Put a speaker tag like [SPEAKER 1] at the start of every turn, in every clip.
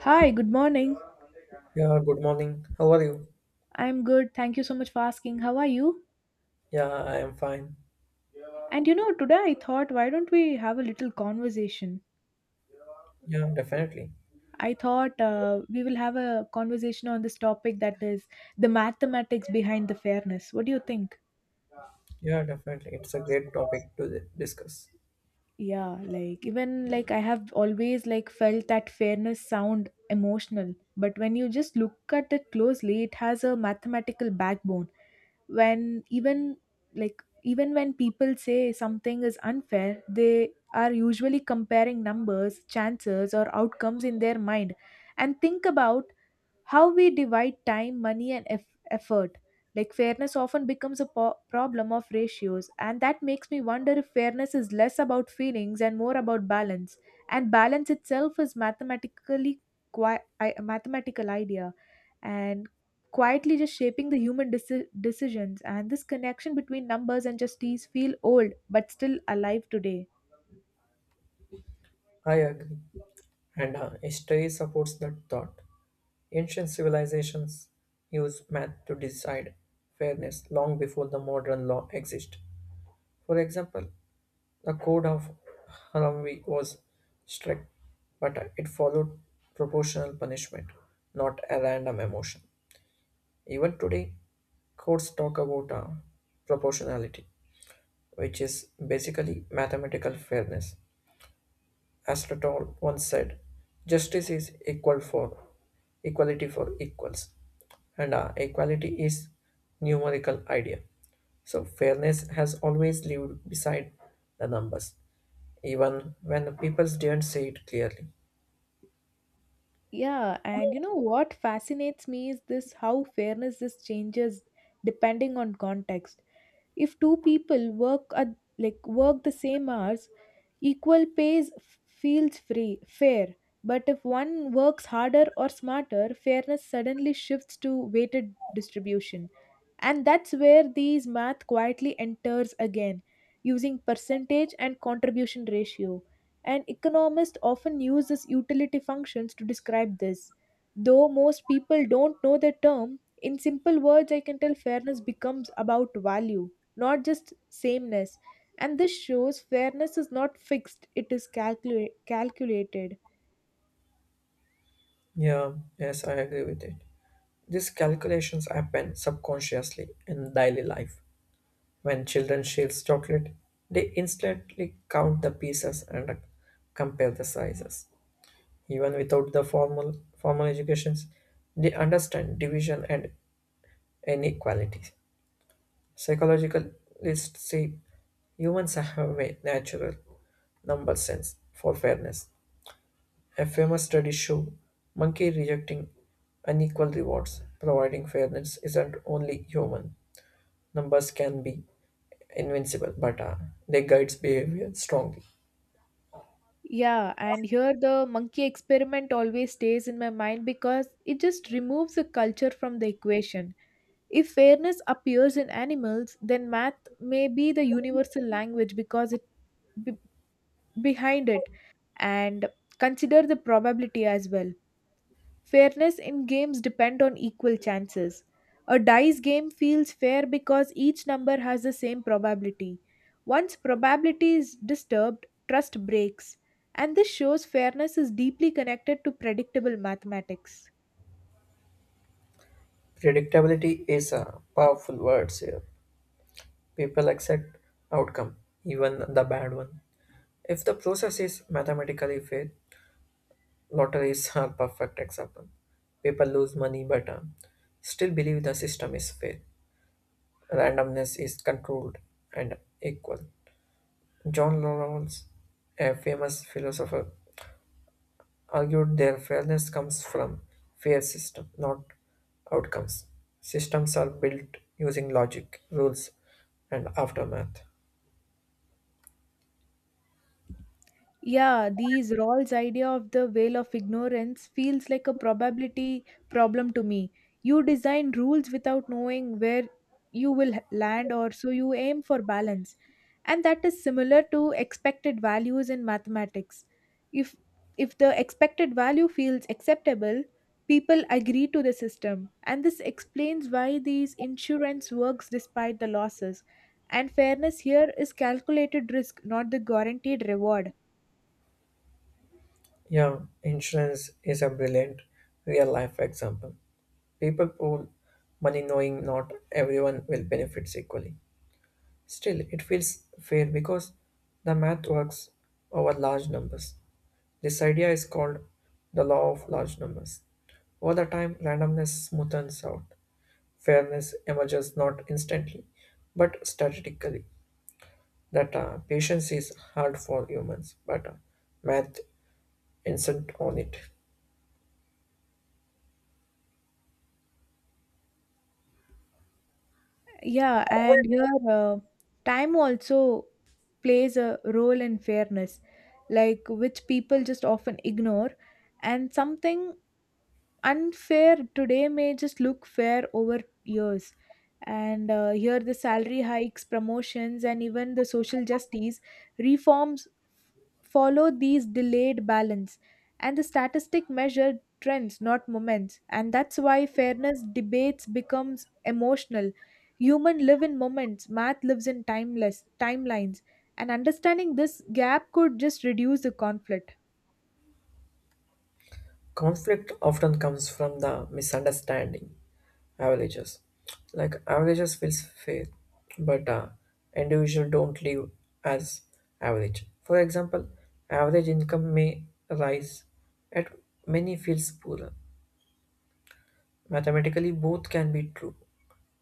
[SPEAKER 1] Hi, good morning.
[SPEAKER 2] Yeah, good morning. How are you?
[SPEAKER 1] I'm good. Thank you so much for asking. How are you?
[SPEAKER 2] Yeah, I am fine.
[SPEAKER 1] And you know, today I thought, why don't we have a little conversation?
[SPEAKER 2] Yeah, definitely.
[SPEAKER 1] I thought we will have a conversation on this topic, that is the mathematics behind the fairness. What do you think?
[SPEAKER 2] Yeah, definitely. It's a great topic to discuss.
[SPEAKER 1] Yeah, like even like I have always like felt that fairness sound emotional, but when you just look at it closely, it has a mathematical backbone. When even like Even when people say something is unfair, they are usually comparing numbers, chances or outcomes in their mind, and think about how we divide time, money and effort. Like fairness often becomes a problem of ratios, and that makes me wonder if fairness is less about feelings and more about balance. And balance itself is a mathematical idea, and quietly just shaping the human decisions. And this connection between numbers and justice feel old but still alive today.
[SPEAKER 2] I agree. And history supports that thought. Ancient civilizations used math to decide fairness long before the modern law existed. For example, the Code of Hammurabi was strict, but it followed proportional punishment, not a random emotion. Even today, courts talk about proportionality which is basically mathematical fairness. Aristotle once said, "Justice is equal for equality for equals," and equality is numerical idea. So fairness has always lived beside the numbers, even when the people didn't say it clearly.
[SPEAKER 1] Yeah, and you know what fascinates me is this, how fairness this changes depending on context. If two people work at like work the same hours, equal pays fair. But if one works harder or smarter, fairness suddenly shifts to weighted distribution. And that's where these math quietly enters again, using percentage and contribution ratio. And economists often use this utility functions to describe this. Though most people don't know the term, in simple words, I can tell fairness becomes about value, not just sameness. And this shows fairness is not fixed, it is calculated.
[SPEAKER 2] Yeah, yes, I agree with it. These calculations happen subconsciously in daily life. When children share chocolate, they instantly count the pieces and compare the sizes. Even without the formal educations, they understand division and inequality. Psychologicalists say humans have a natural number sense for fairness. A famous study showed monkey rejecting unequal rewards, providing fairness isn't only human. Numbers can be invincible, but they guides behavior strongly.
[SPEAKER 1] Yeah, and here the monkey experiment always stays in my mind because it just removes the culture from the equation. If fairness appears in animals, then math may be the universal language because it be- behind it, and consider the probability as well. Fairness in games depend on equal chances. A dice game feels fair because each number has the same probability. Once probability is disturbed, trust breaks, and this shows fairness is deeply connected to predictable mathematics.
[SPEAKER 2] Predictability is a powerful word here. People accept outcome, even the bad one. If the process is mathematically fair, lotteries are perfect example. People lose money but still believe the system is fair. Randomness is controlled and equal. John Rawls, a famous philosopher, argued their fairness comes from fair system, not outcomes. Systems are built using logic, rules, and aftermath.
[SPEAKER 1] Yeah, these Rawls' idea of the veil of ignorance feels like a probability problem to me. You design rules without knowing where you will land, or so you aim for balance. And that is similar to expected values in mathematics. If if the expected value feels acceptable, people agree to the system. And this explains why these insurance works despite the losses. And fairness here is calculated risk, not the guaranteed reward.
[SPEAKER 2] Yeah, insurance is a brilliant real life example. People pool money knowing not everyone will benefit equally. Still, it feels fair because the math works over large numbers. This idea is called the law of large numbers. Over the time, randomness smoothens out. Fairness emerges not instantly, but strategically. That patience is hard for humans, but math insist on it.
[SPEAKER 1] Yeah, and here time also plays a role in fairness, like which people just often ignore, and something unfair today may just look fair over years. And here the salary hikes, promotions and even the social justice reforms follow these delayed balance, and the statistic measure trends not moments. And that's why fairness debates becomes emotional. Human live in moments, math lives in timeless timelines, and understanding this gap could just reduce the conflict.
[SPEAKER 2] Conflict often comes from the misunderstanding averages. Like averages feels fair, but individual don't live as average. For example, average income may rise, at many feels poorer. Mathematically, both can be true.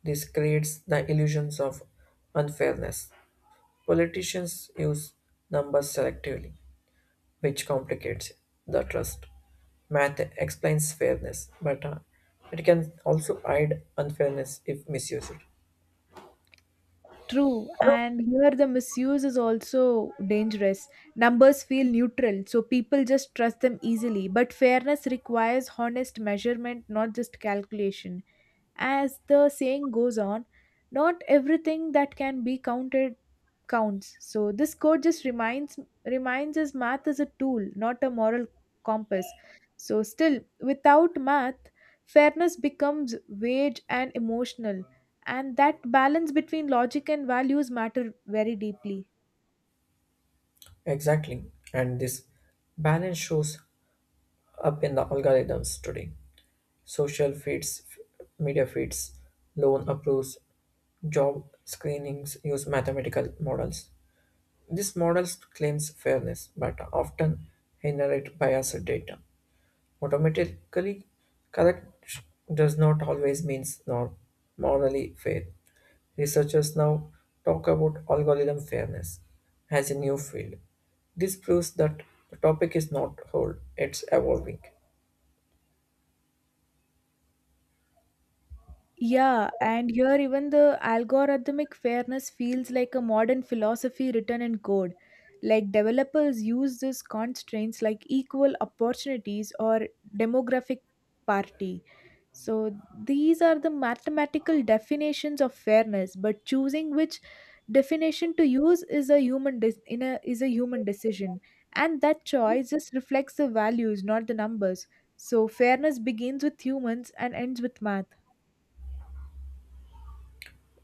[SPEAKER 2] This creates the illusions of unfairness. Politicians use numbers selectively, which complicates the trust. Math explains fairness, but it can also hide unfairness if misused.
[SPEAKER 1] True, and here the misuse is also dangerous. Numbers feel neutral, so people just trust them easily. But fairness requires honest measurement, not just calculation. As the saying goes on, not everything that can be counted counts. So this quote just reminds us math is a tool, not a moral compass. So still, without math, fairness becomes wage and emotional, and that balance between logic and values matter very deeply.
[SPEAKER 2] Exactly, and this balance shows up in the algorithms today. Social feeds, media feeds, loan approvals, job screenings use mathematical models. This model claims fairness, but often inherit biased data. Automatically correct does not always mean nor morally fair. Researchers now talk about algorithm fairness as a new field. This proves that the topic is not old, it's evolving.
[SPEAKER 1] Yeah, and here even the algorithmic fairness feels like a modern philosophy written in code. Like developers use these constraints like equal opportunities or demographic parity. So these are the mathematical definitions of fairness, but choosing which definition to use is a human dis- in a, is a human decision, and that choice just reflects the values, not the numbers. So fairness begins with humans and ends with math.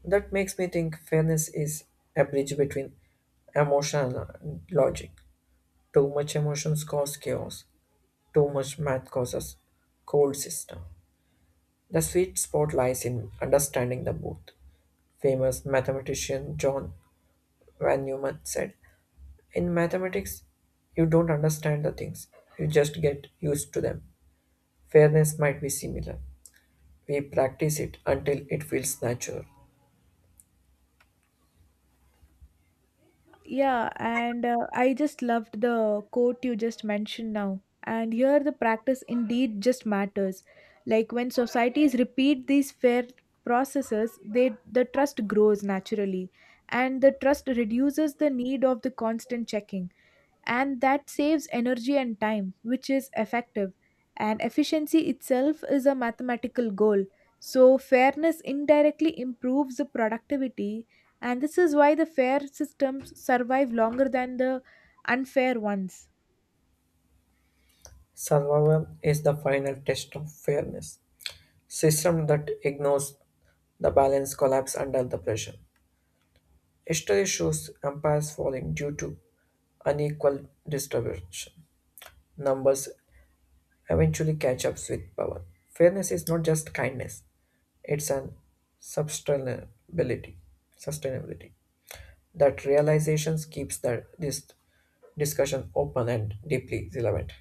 [SPEAKER 2] That makes me think fairness is a bridge between emotion and logic. Too much emotions cause chaos, too much math causes cold system. The sweet spot lies in understanding the both. Famous mathematician John Van Neumann said, in mathematics, you don't understand the things, you just get used to them. Fairness might be similar. We practice it until it feels natural.
[SPEAKER 1] Yeah, and I just loved the quote you just mentioned now. And here the practice indeed just matters. Like when societies repeat these fair processes, the trust grows naturally, and the trust reduces the need of the constant checking, and that saves energy and time, which is effective. And efficiency itself is a mathematical goal. So, fairness indirectly improves the productivity, and this is why the fair systems survive longer than the unfair ones.
[SPEAKER 2] Survival is the final test of fairness. System that ignores the balance collapse under the pressure. History shows empires falling due to unequal distribution. Numbers eventually catch up with power. Fairness is not just kindness, it's an sustainability. Sustainability. That realizations keeps the, this discussion open and deeply relevant.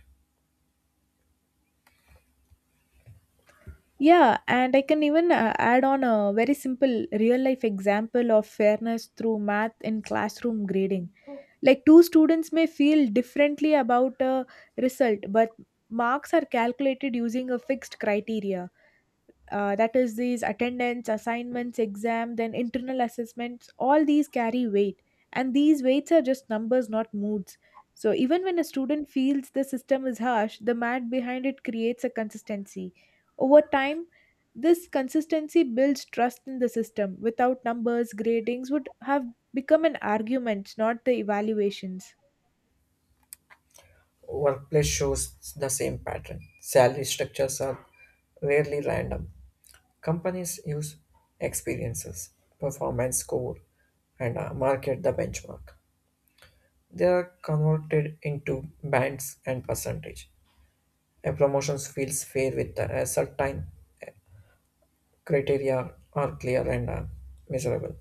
[SPEAKER 1] Yeah, and I can even add on a very simple real life example of fairness through math in classroom grading. Like two students may feel differently about a result, but marks are calculated using a fixed criteria, that is these attendance, assignments, exam, then internal assessments. All these carry weight, and these weights are just numbers, not moods. So even when a student feels the system is harsh, the math behind it creates a consistency over time. This consistency builds trust in the system. Without numbers, gradings would have become an argument, not the evaluations.
[SPEAKER 2] Workplace shows the same pattern. Salary structures are rarely random. Companies use experiences, performance score, and market the benchmark. They are converted into bands and percentage. A promotion feels fair with a certain criteria are clear and measurable.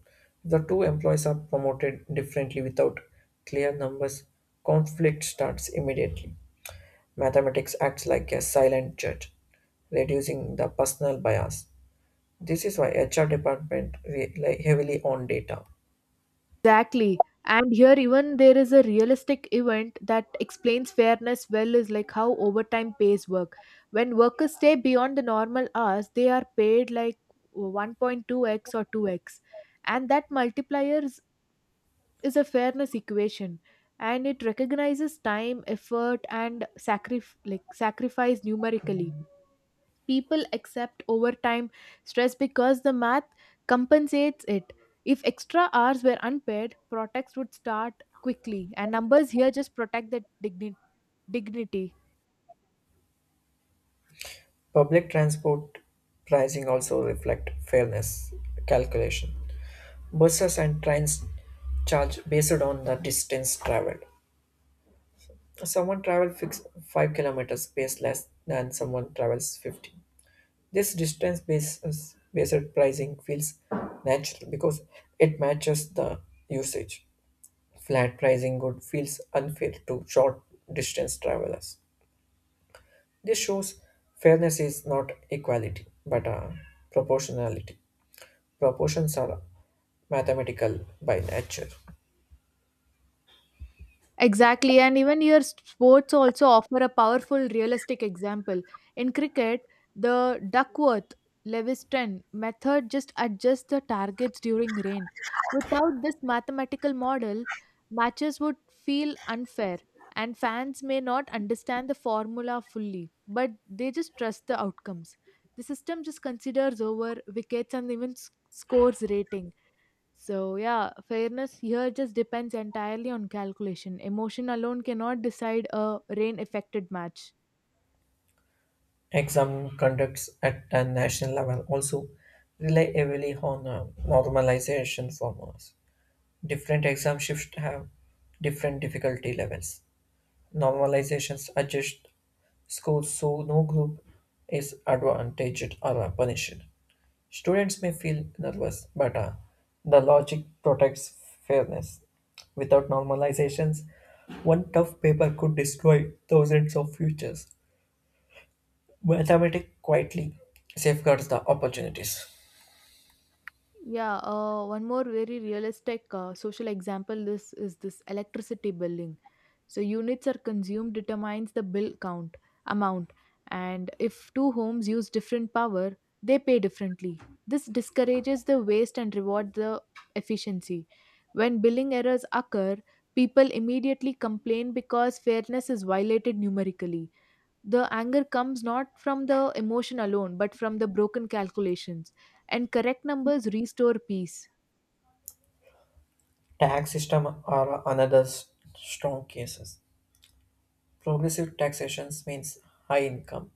[SPEAKER 2] The two employees are promoted differently without clear numbers. Conflict starts immediately. Mathematics acts like a silent judge, reducing the personal bias. This is why HR department rely heavily on data.
[SPEAKER 1] Exactly. And here even there is a realistic event that explains fairness well is like how overtime pays work. When workers stay beyond the normal hours, they are paid like 1.2x or 2x. And that is a fairness equation, and it recognizes time, effort and sacrifice numerically. People accept overtime stress because the math compensates it. If extra hours were unpaid, protests would start quickly, and numbers here just protect the dignity.
[SPEAKER 2] Public transport pricing also reflect fairness calculation. Buses and trains charge based on the distance traveled. Someone travels fix 5 kilometers pays less than someone travels 50. This distance basis based pricing feels natural because it matches the usage. Flat pricing good feels unfair to short distance travelers. This shows fairness is not equality but proportionality. Proportions are mathematical by nature.
[SPEAKER 1] Exactly, and even your sports also offer a powerful realistic example. In cricket, the Duckworth levis method just adjusts the targets during rain. Without this mathematical model, matches would feel unfair, and fans may not understand the formula fully, but they just trust the outcomes. The system just considers over wickets and even scores rating. So, yeah, fairness here just depends entirely on calculation. Emotion alone cannot decide a rain affected match.
[SPEAKER 2] Exam conducts at a national level also rely heavily on normalization formulas. Different exam shifts have different difficulty levels. Normalizations adjust scores so no group is advantaged or punished. Students may feel nervous, but the logic protects fairness. Without normalizations, one tough paper could destroy thousands of futures. Mathematics quietly safeguards the opportunities.
[SPEAKER 1] Yeah, one more very realistic social example, this is this electricity billing. So units are consumed determines the bill count amount, and if two homes use different power, they pay differently. This discourages the waste and reward the efficiency. When billing errors occur, people immediately complain because fairness is violated numerically. The anger comes not from the emotion alone, but from the broken calculations. And correct numbers restore peace.
[SPEAKER 2] Tax system are another strong cases. Progressive taxations means high income,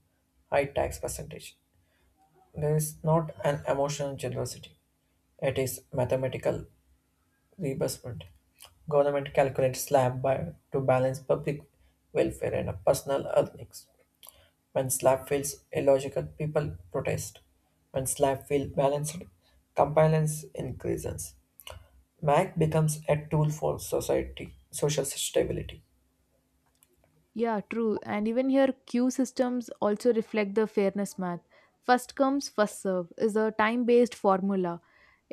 [SPEAKER 2] high tax percentage. There is not an emotional generosity. It is mathematical reimbursement. Government calculates slab by to balance public welfare and personal earnings. When slab feels illogical, people protest. When slab feels balanced, compliance increases. MAC becomes a tool for society, social stability.
[SPEAKER 1] Yeah, true. And even here, queue systems also reflect the fairness math. First comes, first serve is a time based formula.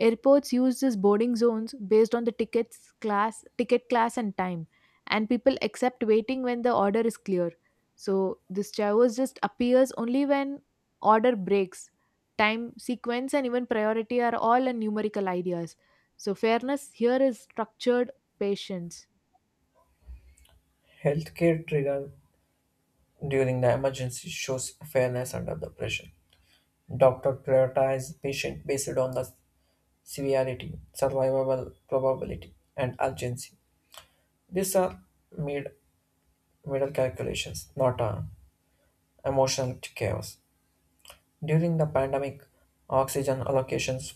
[SPEAKER 1] Airports use these boarding zones based on the ticket class and time, and people accept waiting when the order is clear. So this chaos just appears only when order breaks. Time, sequence, and even priority are all in numerical ideas. So fairness here is structured patience.
[SPEAKER 2] Healthcare trigger during the emergency shows fairness under the pressure. Doctor prioritize patient based on the severity, survivable probability, and urgency. These are mid- middle calculations, not emotional chaos. During the pandemic, oxygen allocations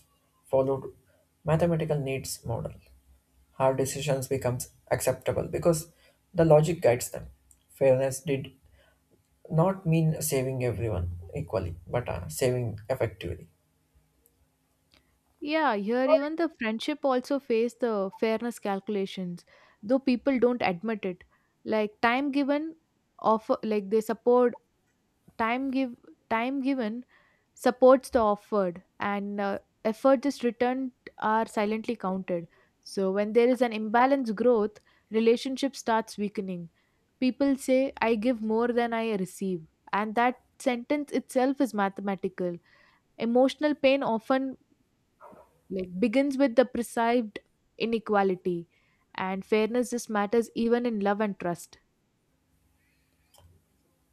[SPEAKER 2] followed mathematical needs model. Hard decisions becomes acceptable because the logic guides them. Fairness did not mean saving everyone equally, but saving effectively.
[SPEAKER 1] Yeah, here even the friendship also face the fairness calculations, though people don't admit it. Like time given offer like they support time give time given supports the offered, and effort just returned are silently counted. So when there is an imbalance growth, relationship starts weakening. People say I give more than I receive, and that sentence itself is mathematical. Emotional pain often begins with the perceived inequality, and fairness just matters even in love and trust.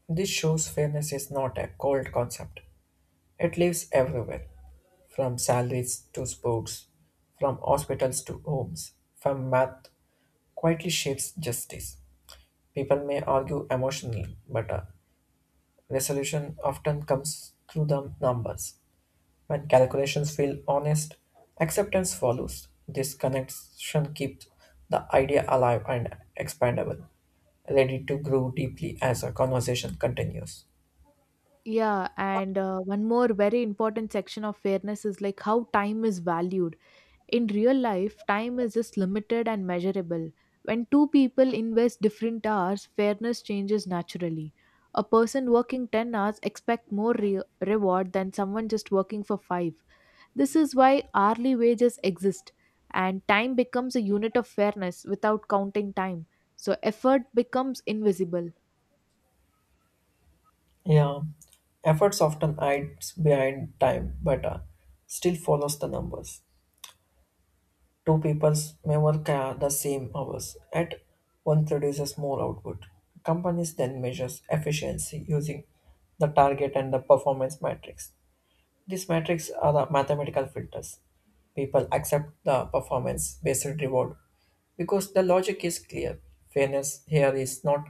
[SPEAKER 2] This shows fairness is not a cold concept. It lives everywhere. From salaries to sports, from hospitals to homes, from math quietly shapes justice. People may argue emotionally, but a resolution often comes through the numbers. When calculations feel honest, acceptance follows. This connection keeps the idea alive and expandable, ready to grow deeply as a conversation continues.
[SPEAKER 1] Yeah, and one more very important section of fairness is like how time is valued. In real life, time is just limited and measurable. When two people invest different hours, fairness changes naturally. A person working 10 hours expect more reward than someone just working for 5. This is why hourly wages exist, and time becomes a unit of fairness. Without counting time, so effort becomes invisible.
[SPEAKER 2] Yeah, efforts often hides behind time, but still follows the numbers. Two peoples may work the same hours, yet one produces more output. Companies then measures efficiency using the target and the performance matrix. These metrics are the mathematical filters. People accept the performance based reward because the logic is clear. Fairness here is not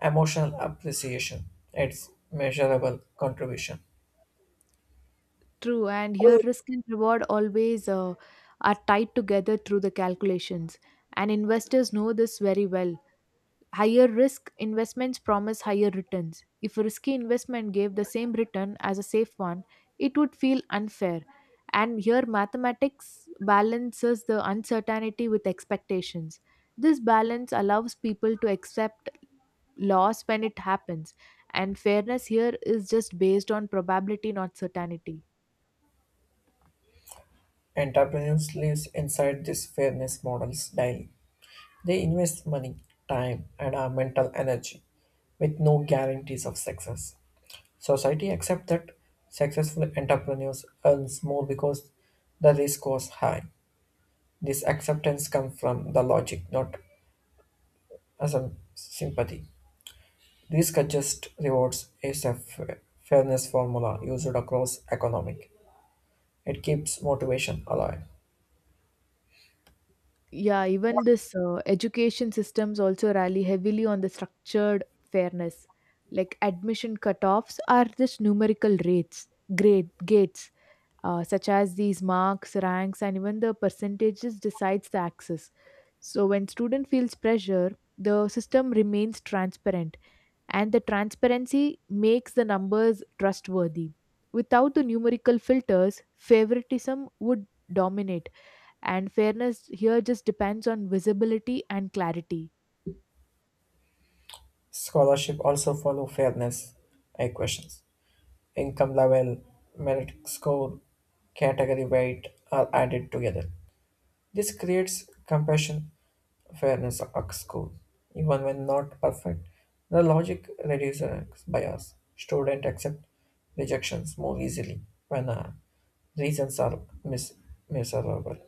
[SPEAKER 2] emotional appreciation, it's measurable contribution.
[SPEAKER 1] True, and here risk and reward always are tied together through the calculations, and investors know this very well. Higher risk investments promise higher returns. If a risky investment gave the same return as a safe one, it would feel unfair. And here, mathematics balances the uncertainty with expectations. This balance allows people to accept loss when it happens, and fairness here is just based on probability, not certainty.
[SPEAKER 2] Entrepreneurs lives inside this fairness models daily. They invest money, time, and our mental energy with no guarantees of success. Society accepts that successful entrepreneurs earns more because the risk was high. This acceptance comes from the logic, not as a sympathy. Risk adjust rewards is a fairness formula used across economic. It keeps motivation alive.
[SPEAKER 1] Yeah, even this education systems also rally heavily on the structured fairness. Like admission cutoffs are just numerical rates, grade gates, such as these marks, ranks, and even the percentages decides the access. So when student feels pressure, the system remains transparent, and the transparency makes the numbers trustworthy. Without the numerical filters, favoritism would dominate, and fairness here just depends on visibility and clarity.
[SPEAKER 2] Scholarship also follow fairness equations income level, merit score, category weight are added together. This creates compassion, fairness at school. Even when not perfect, the logic reduces bias. Students accept rejections more easily when reasons are miserable.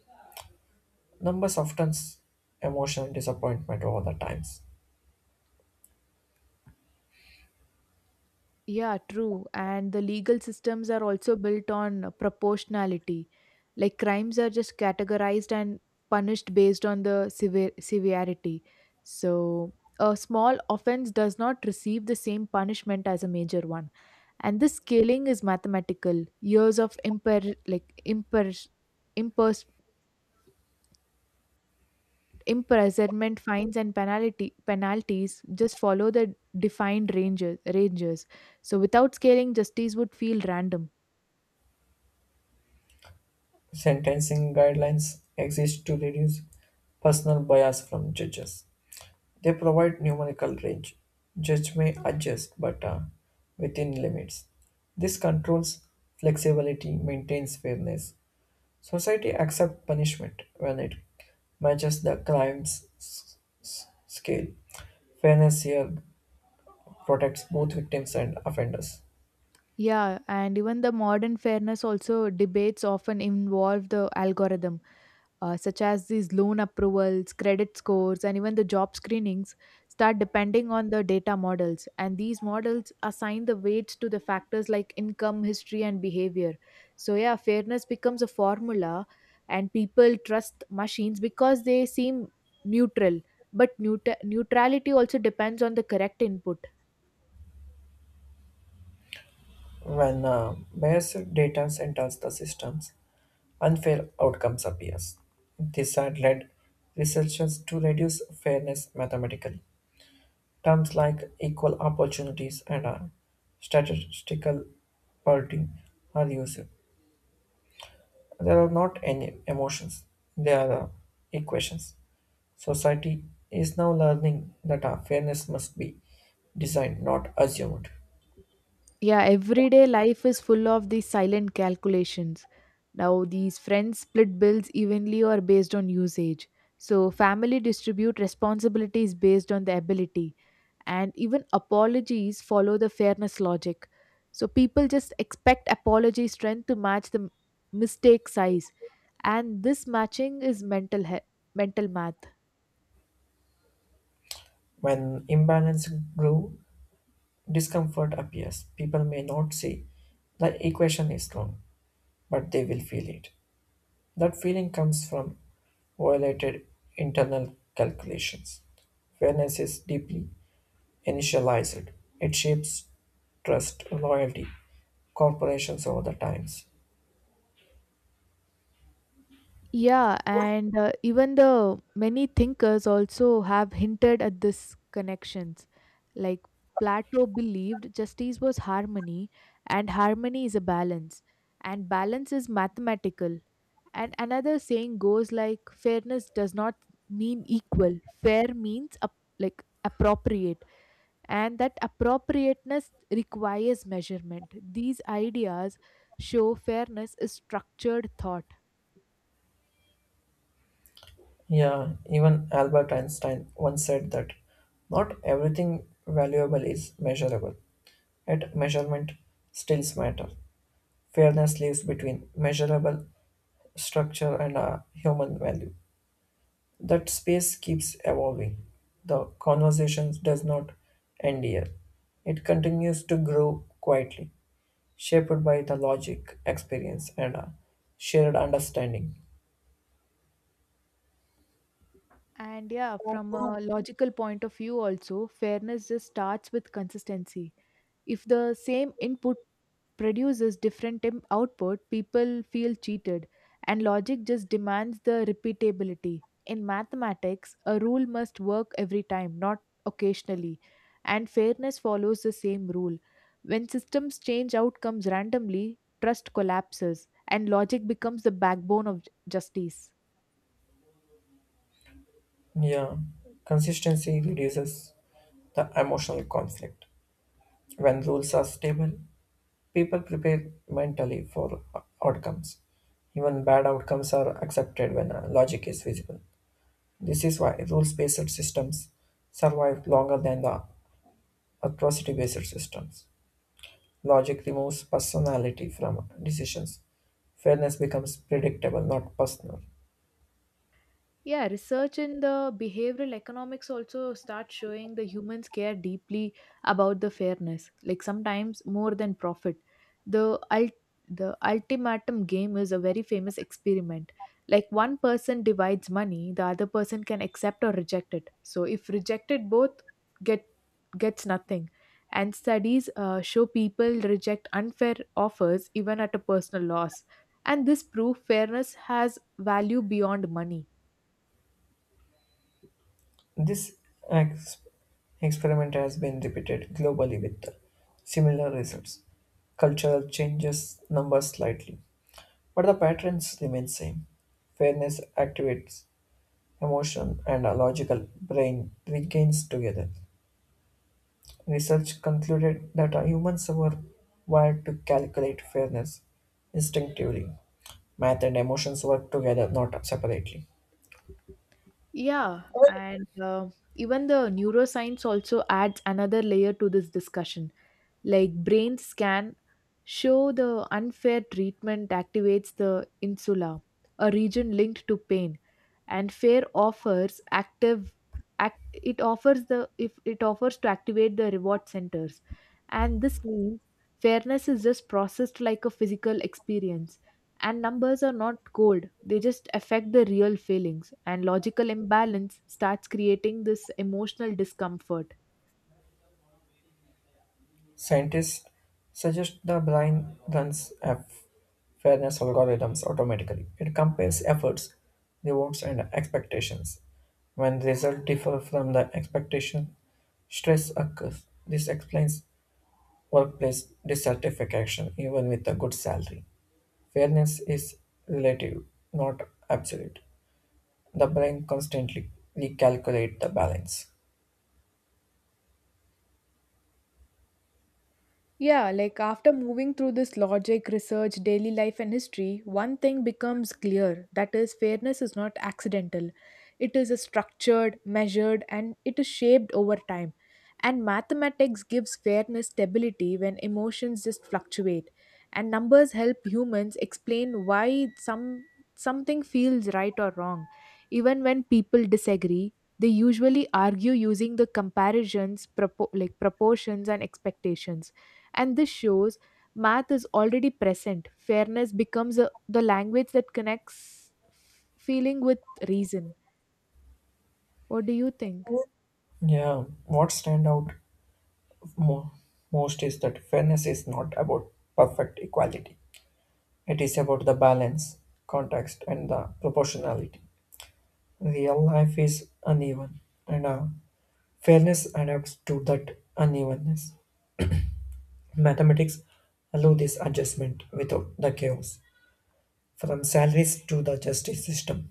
[SPEAKER 2] Numbers often emotional disappointment over the times.
[SPEAKER 1] Yeah, true, and the legal systems are also built on proportionality. Like crimes are just categorized and punished based on the severity. So a small offense does not receive the same punishment as a major one, and this scaling is mathematical. Years of imper like imper imprisonment, fines and penalty penalties just follow the defined ranges. So without scaling, justice would feel random.
[SPEAKER 2] Sentencing guidelines exist to reduce personal bias from judges. They provide numerical range. Judge may adjust, but within limits. This controls flexibility, maintains fairness. Society accepts punishment when it matches the crime's scale. Fairness here protects both victims and offenders.
[SPEAKER 1] Yeah, and even the modern fairness also debates often involve the algorithm, such as these loan approvals, credit scores, and even the job screenings, start depending on the data models. And these models assign the weights to the factors like income, history, and behavior. So, yeah, fairness becomes a formula, and people trust machines because they seem neutral. But neutrality also depends on the correct input.
[SPEAKER 2] When biased data enters the systems, unfair outcomes appears. This had led researchers to reduce fairness mathematically. Terms like equal opportunities and statistical parity are used. There are not any emotions, they are equations. Society is now learning that our fairness must be designed, not assumed.
[SPEAKER 1] Yeah, everyday life is full of these silent calculations. Now, these friends split bills evenly or based on usage. So, family distribute responsibilities based on the ability, and even apologies follow the fairness logic. So, people just expect apology strength to match the mistake size, and this matching is mental math.
[SPEAKER 2] When imbalance grew, discomfort appears. People may not say the equation is wrong, but they will feel it. That feeling comes from violated internal calculations. Fairness is deeply initialized. It shapes trust, loyalty, corporations over the times.
[SPEAKER 1] Yeah, and even the many thinkers also have hinted at this connections. Like Plato believed justice was harmony, and harmony is a balance, and balance is mathematical. And another saying goes like fairness does not mean equal. Fair means appropriate, and that appropriateness requires measurement. These ideas show fairness is structured thought.
[SPEAKER 2] Yeah, even Albert Einstein once said that not everything valuable is measurable. At measurement stills matter. Fairness lives between measurable structure and a human value. That space keeps evolving. The conversation does not end here. It continues to grow quietly shaped by the logic, experience, and a shared understanding.
[SPEAKER 1] And yeah, from a logical point of view, also, fairness just starts with consistency. If the same input produces different output, people feel cheated, and logic just demands the repeatability. In mathematics, a rule must work every time, not occasionally, and fairness follows the same rule. When systems change outcomes randomly, trust collapses, and logic becomes the backbone of justice.
[SPEAKER 2] Yeah, consistency reduces the emotional conflict. When rules are stable, people prepare mentally for outcomes. Even bad outcomes are accepted when logic is visible. This is why rules based systems survive longer than the atrocity based systems. Logic removes personality from decisions. Fairness becomes predictable, not personal.
[SPEAKER 1] Yeah, research in the behavioral economics also starts showing the humans care deeply about the fairness, like sometimes more than profit. The ult- the ultimatum game is a very famous experiment. Like one person divides money, the other person can accept or reject it. So if rejected, both get gets nothing. And studies show people reject unfair offers even at a personal loss. And this proof fairness has value beyond money.
[SPEAKER 2] This ex- experiment has been repeated globally with similar results. Cultural changes numbers slightly, but the patterns remain same. Fairness activates emotion and a logical brain regains together. Research concluded that humans were wired to calculate fairness instinctively. Math and emotions work together, not separately.
[SPEAKER 1] Yeah, and even the neuroscience also adds another layer to this discussion. Like brain scan show the unfair treatment activates the insula, a region linked to pain, and fair offers active act, it offers the if it offers to activate the reward centers, and this means fairness is just processed like a physical experience, and numbers are not cold, they just affect the real feelings, and logical imbalance starts creating this emotional discomfort.
[SPEAKER 2] Scientists suggest the blind runs F fairness algorithms automatically. It compares efforts, rewards, and expectations. When results differ from the expectation, stress occurs. This explains workplace dissatisfaction even with a good salary. Fairness is relative, not absolute. The brain constantly recalculates the balance.
[SPEAKER 1] Yeah, like after moving through this logic, research, daily life, and history, one thing becomes clear, that is, fairness is not accidental. It is a structured, measured, and it is shaped over time. And mathematics gives fairness stability when emotions just fluctuate. And numbers help humans explain why something feels right or wrong. Even when people disagree, they usually argue using the comparisons, proportions and expectations, and this shows math is already present. Fairness becomes the language that connects feeling with reason. What do you think?
[SPEAKER 2] Yeah, what stand out mo- most is that fairness is not about perfect equality. It is about the balance, context, and the proportionality. Real life is uneven, and fairness adapts to that unevenness. Mathematics allow this adjustment without the chaos. From salaries to the justice system,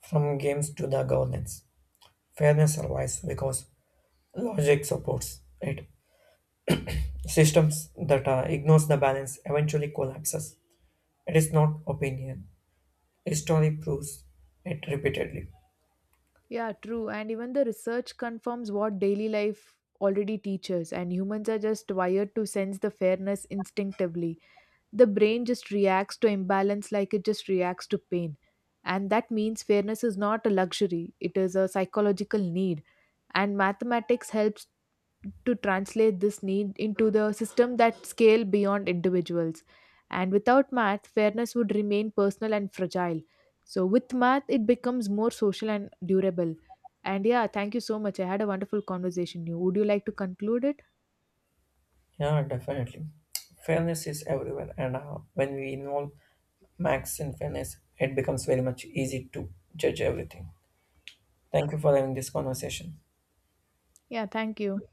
[SPEAKER 2] from games to the governance, fairness survives because logic supports it. Systems that ignores the balance eventually collapses. It is not opinion. History proves it repeatedly.
[SPEAKER 1] Yeah, true. And even the research confirms what daily life already teaches, and humans are just wired to sense the fairness instinctively. The brain just reacts to imbalance like it just reacts to pain. And that means fairness is not a luxury, it is a psychological need. And mathematics helps to translate this need into the system that scale beyond individuals. And without math, fairness would remain personal and fragile. So with math, it becomes more social and durable. And yeah, thank you so much. I had a wonderful conversation. You like to conclude it?
[SPEAKER 2] Yeah, definitely. Fairness is everywhere, and when we involve Max in fairness, it becomes very much easy to judge everything. Thank you for having this conversation.
[SPEAKER 1] Yeah, thank you.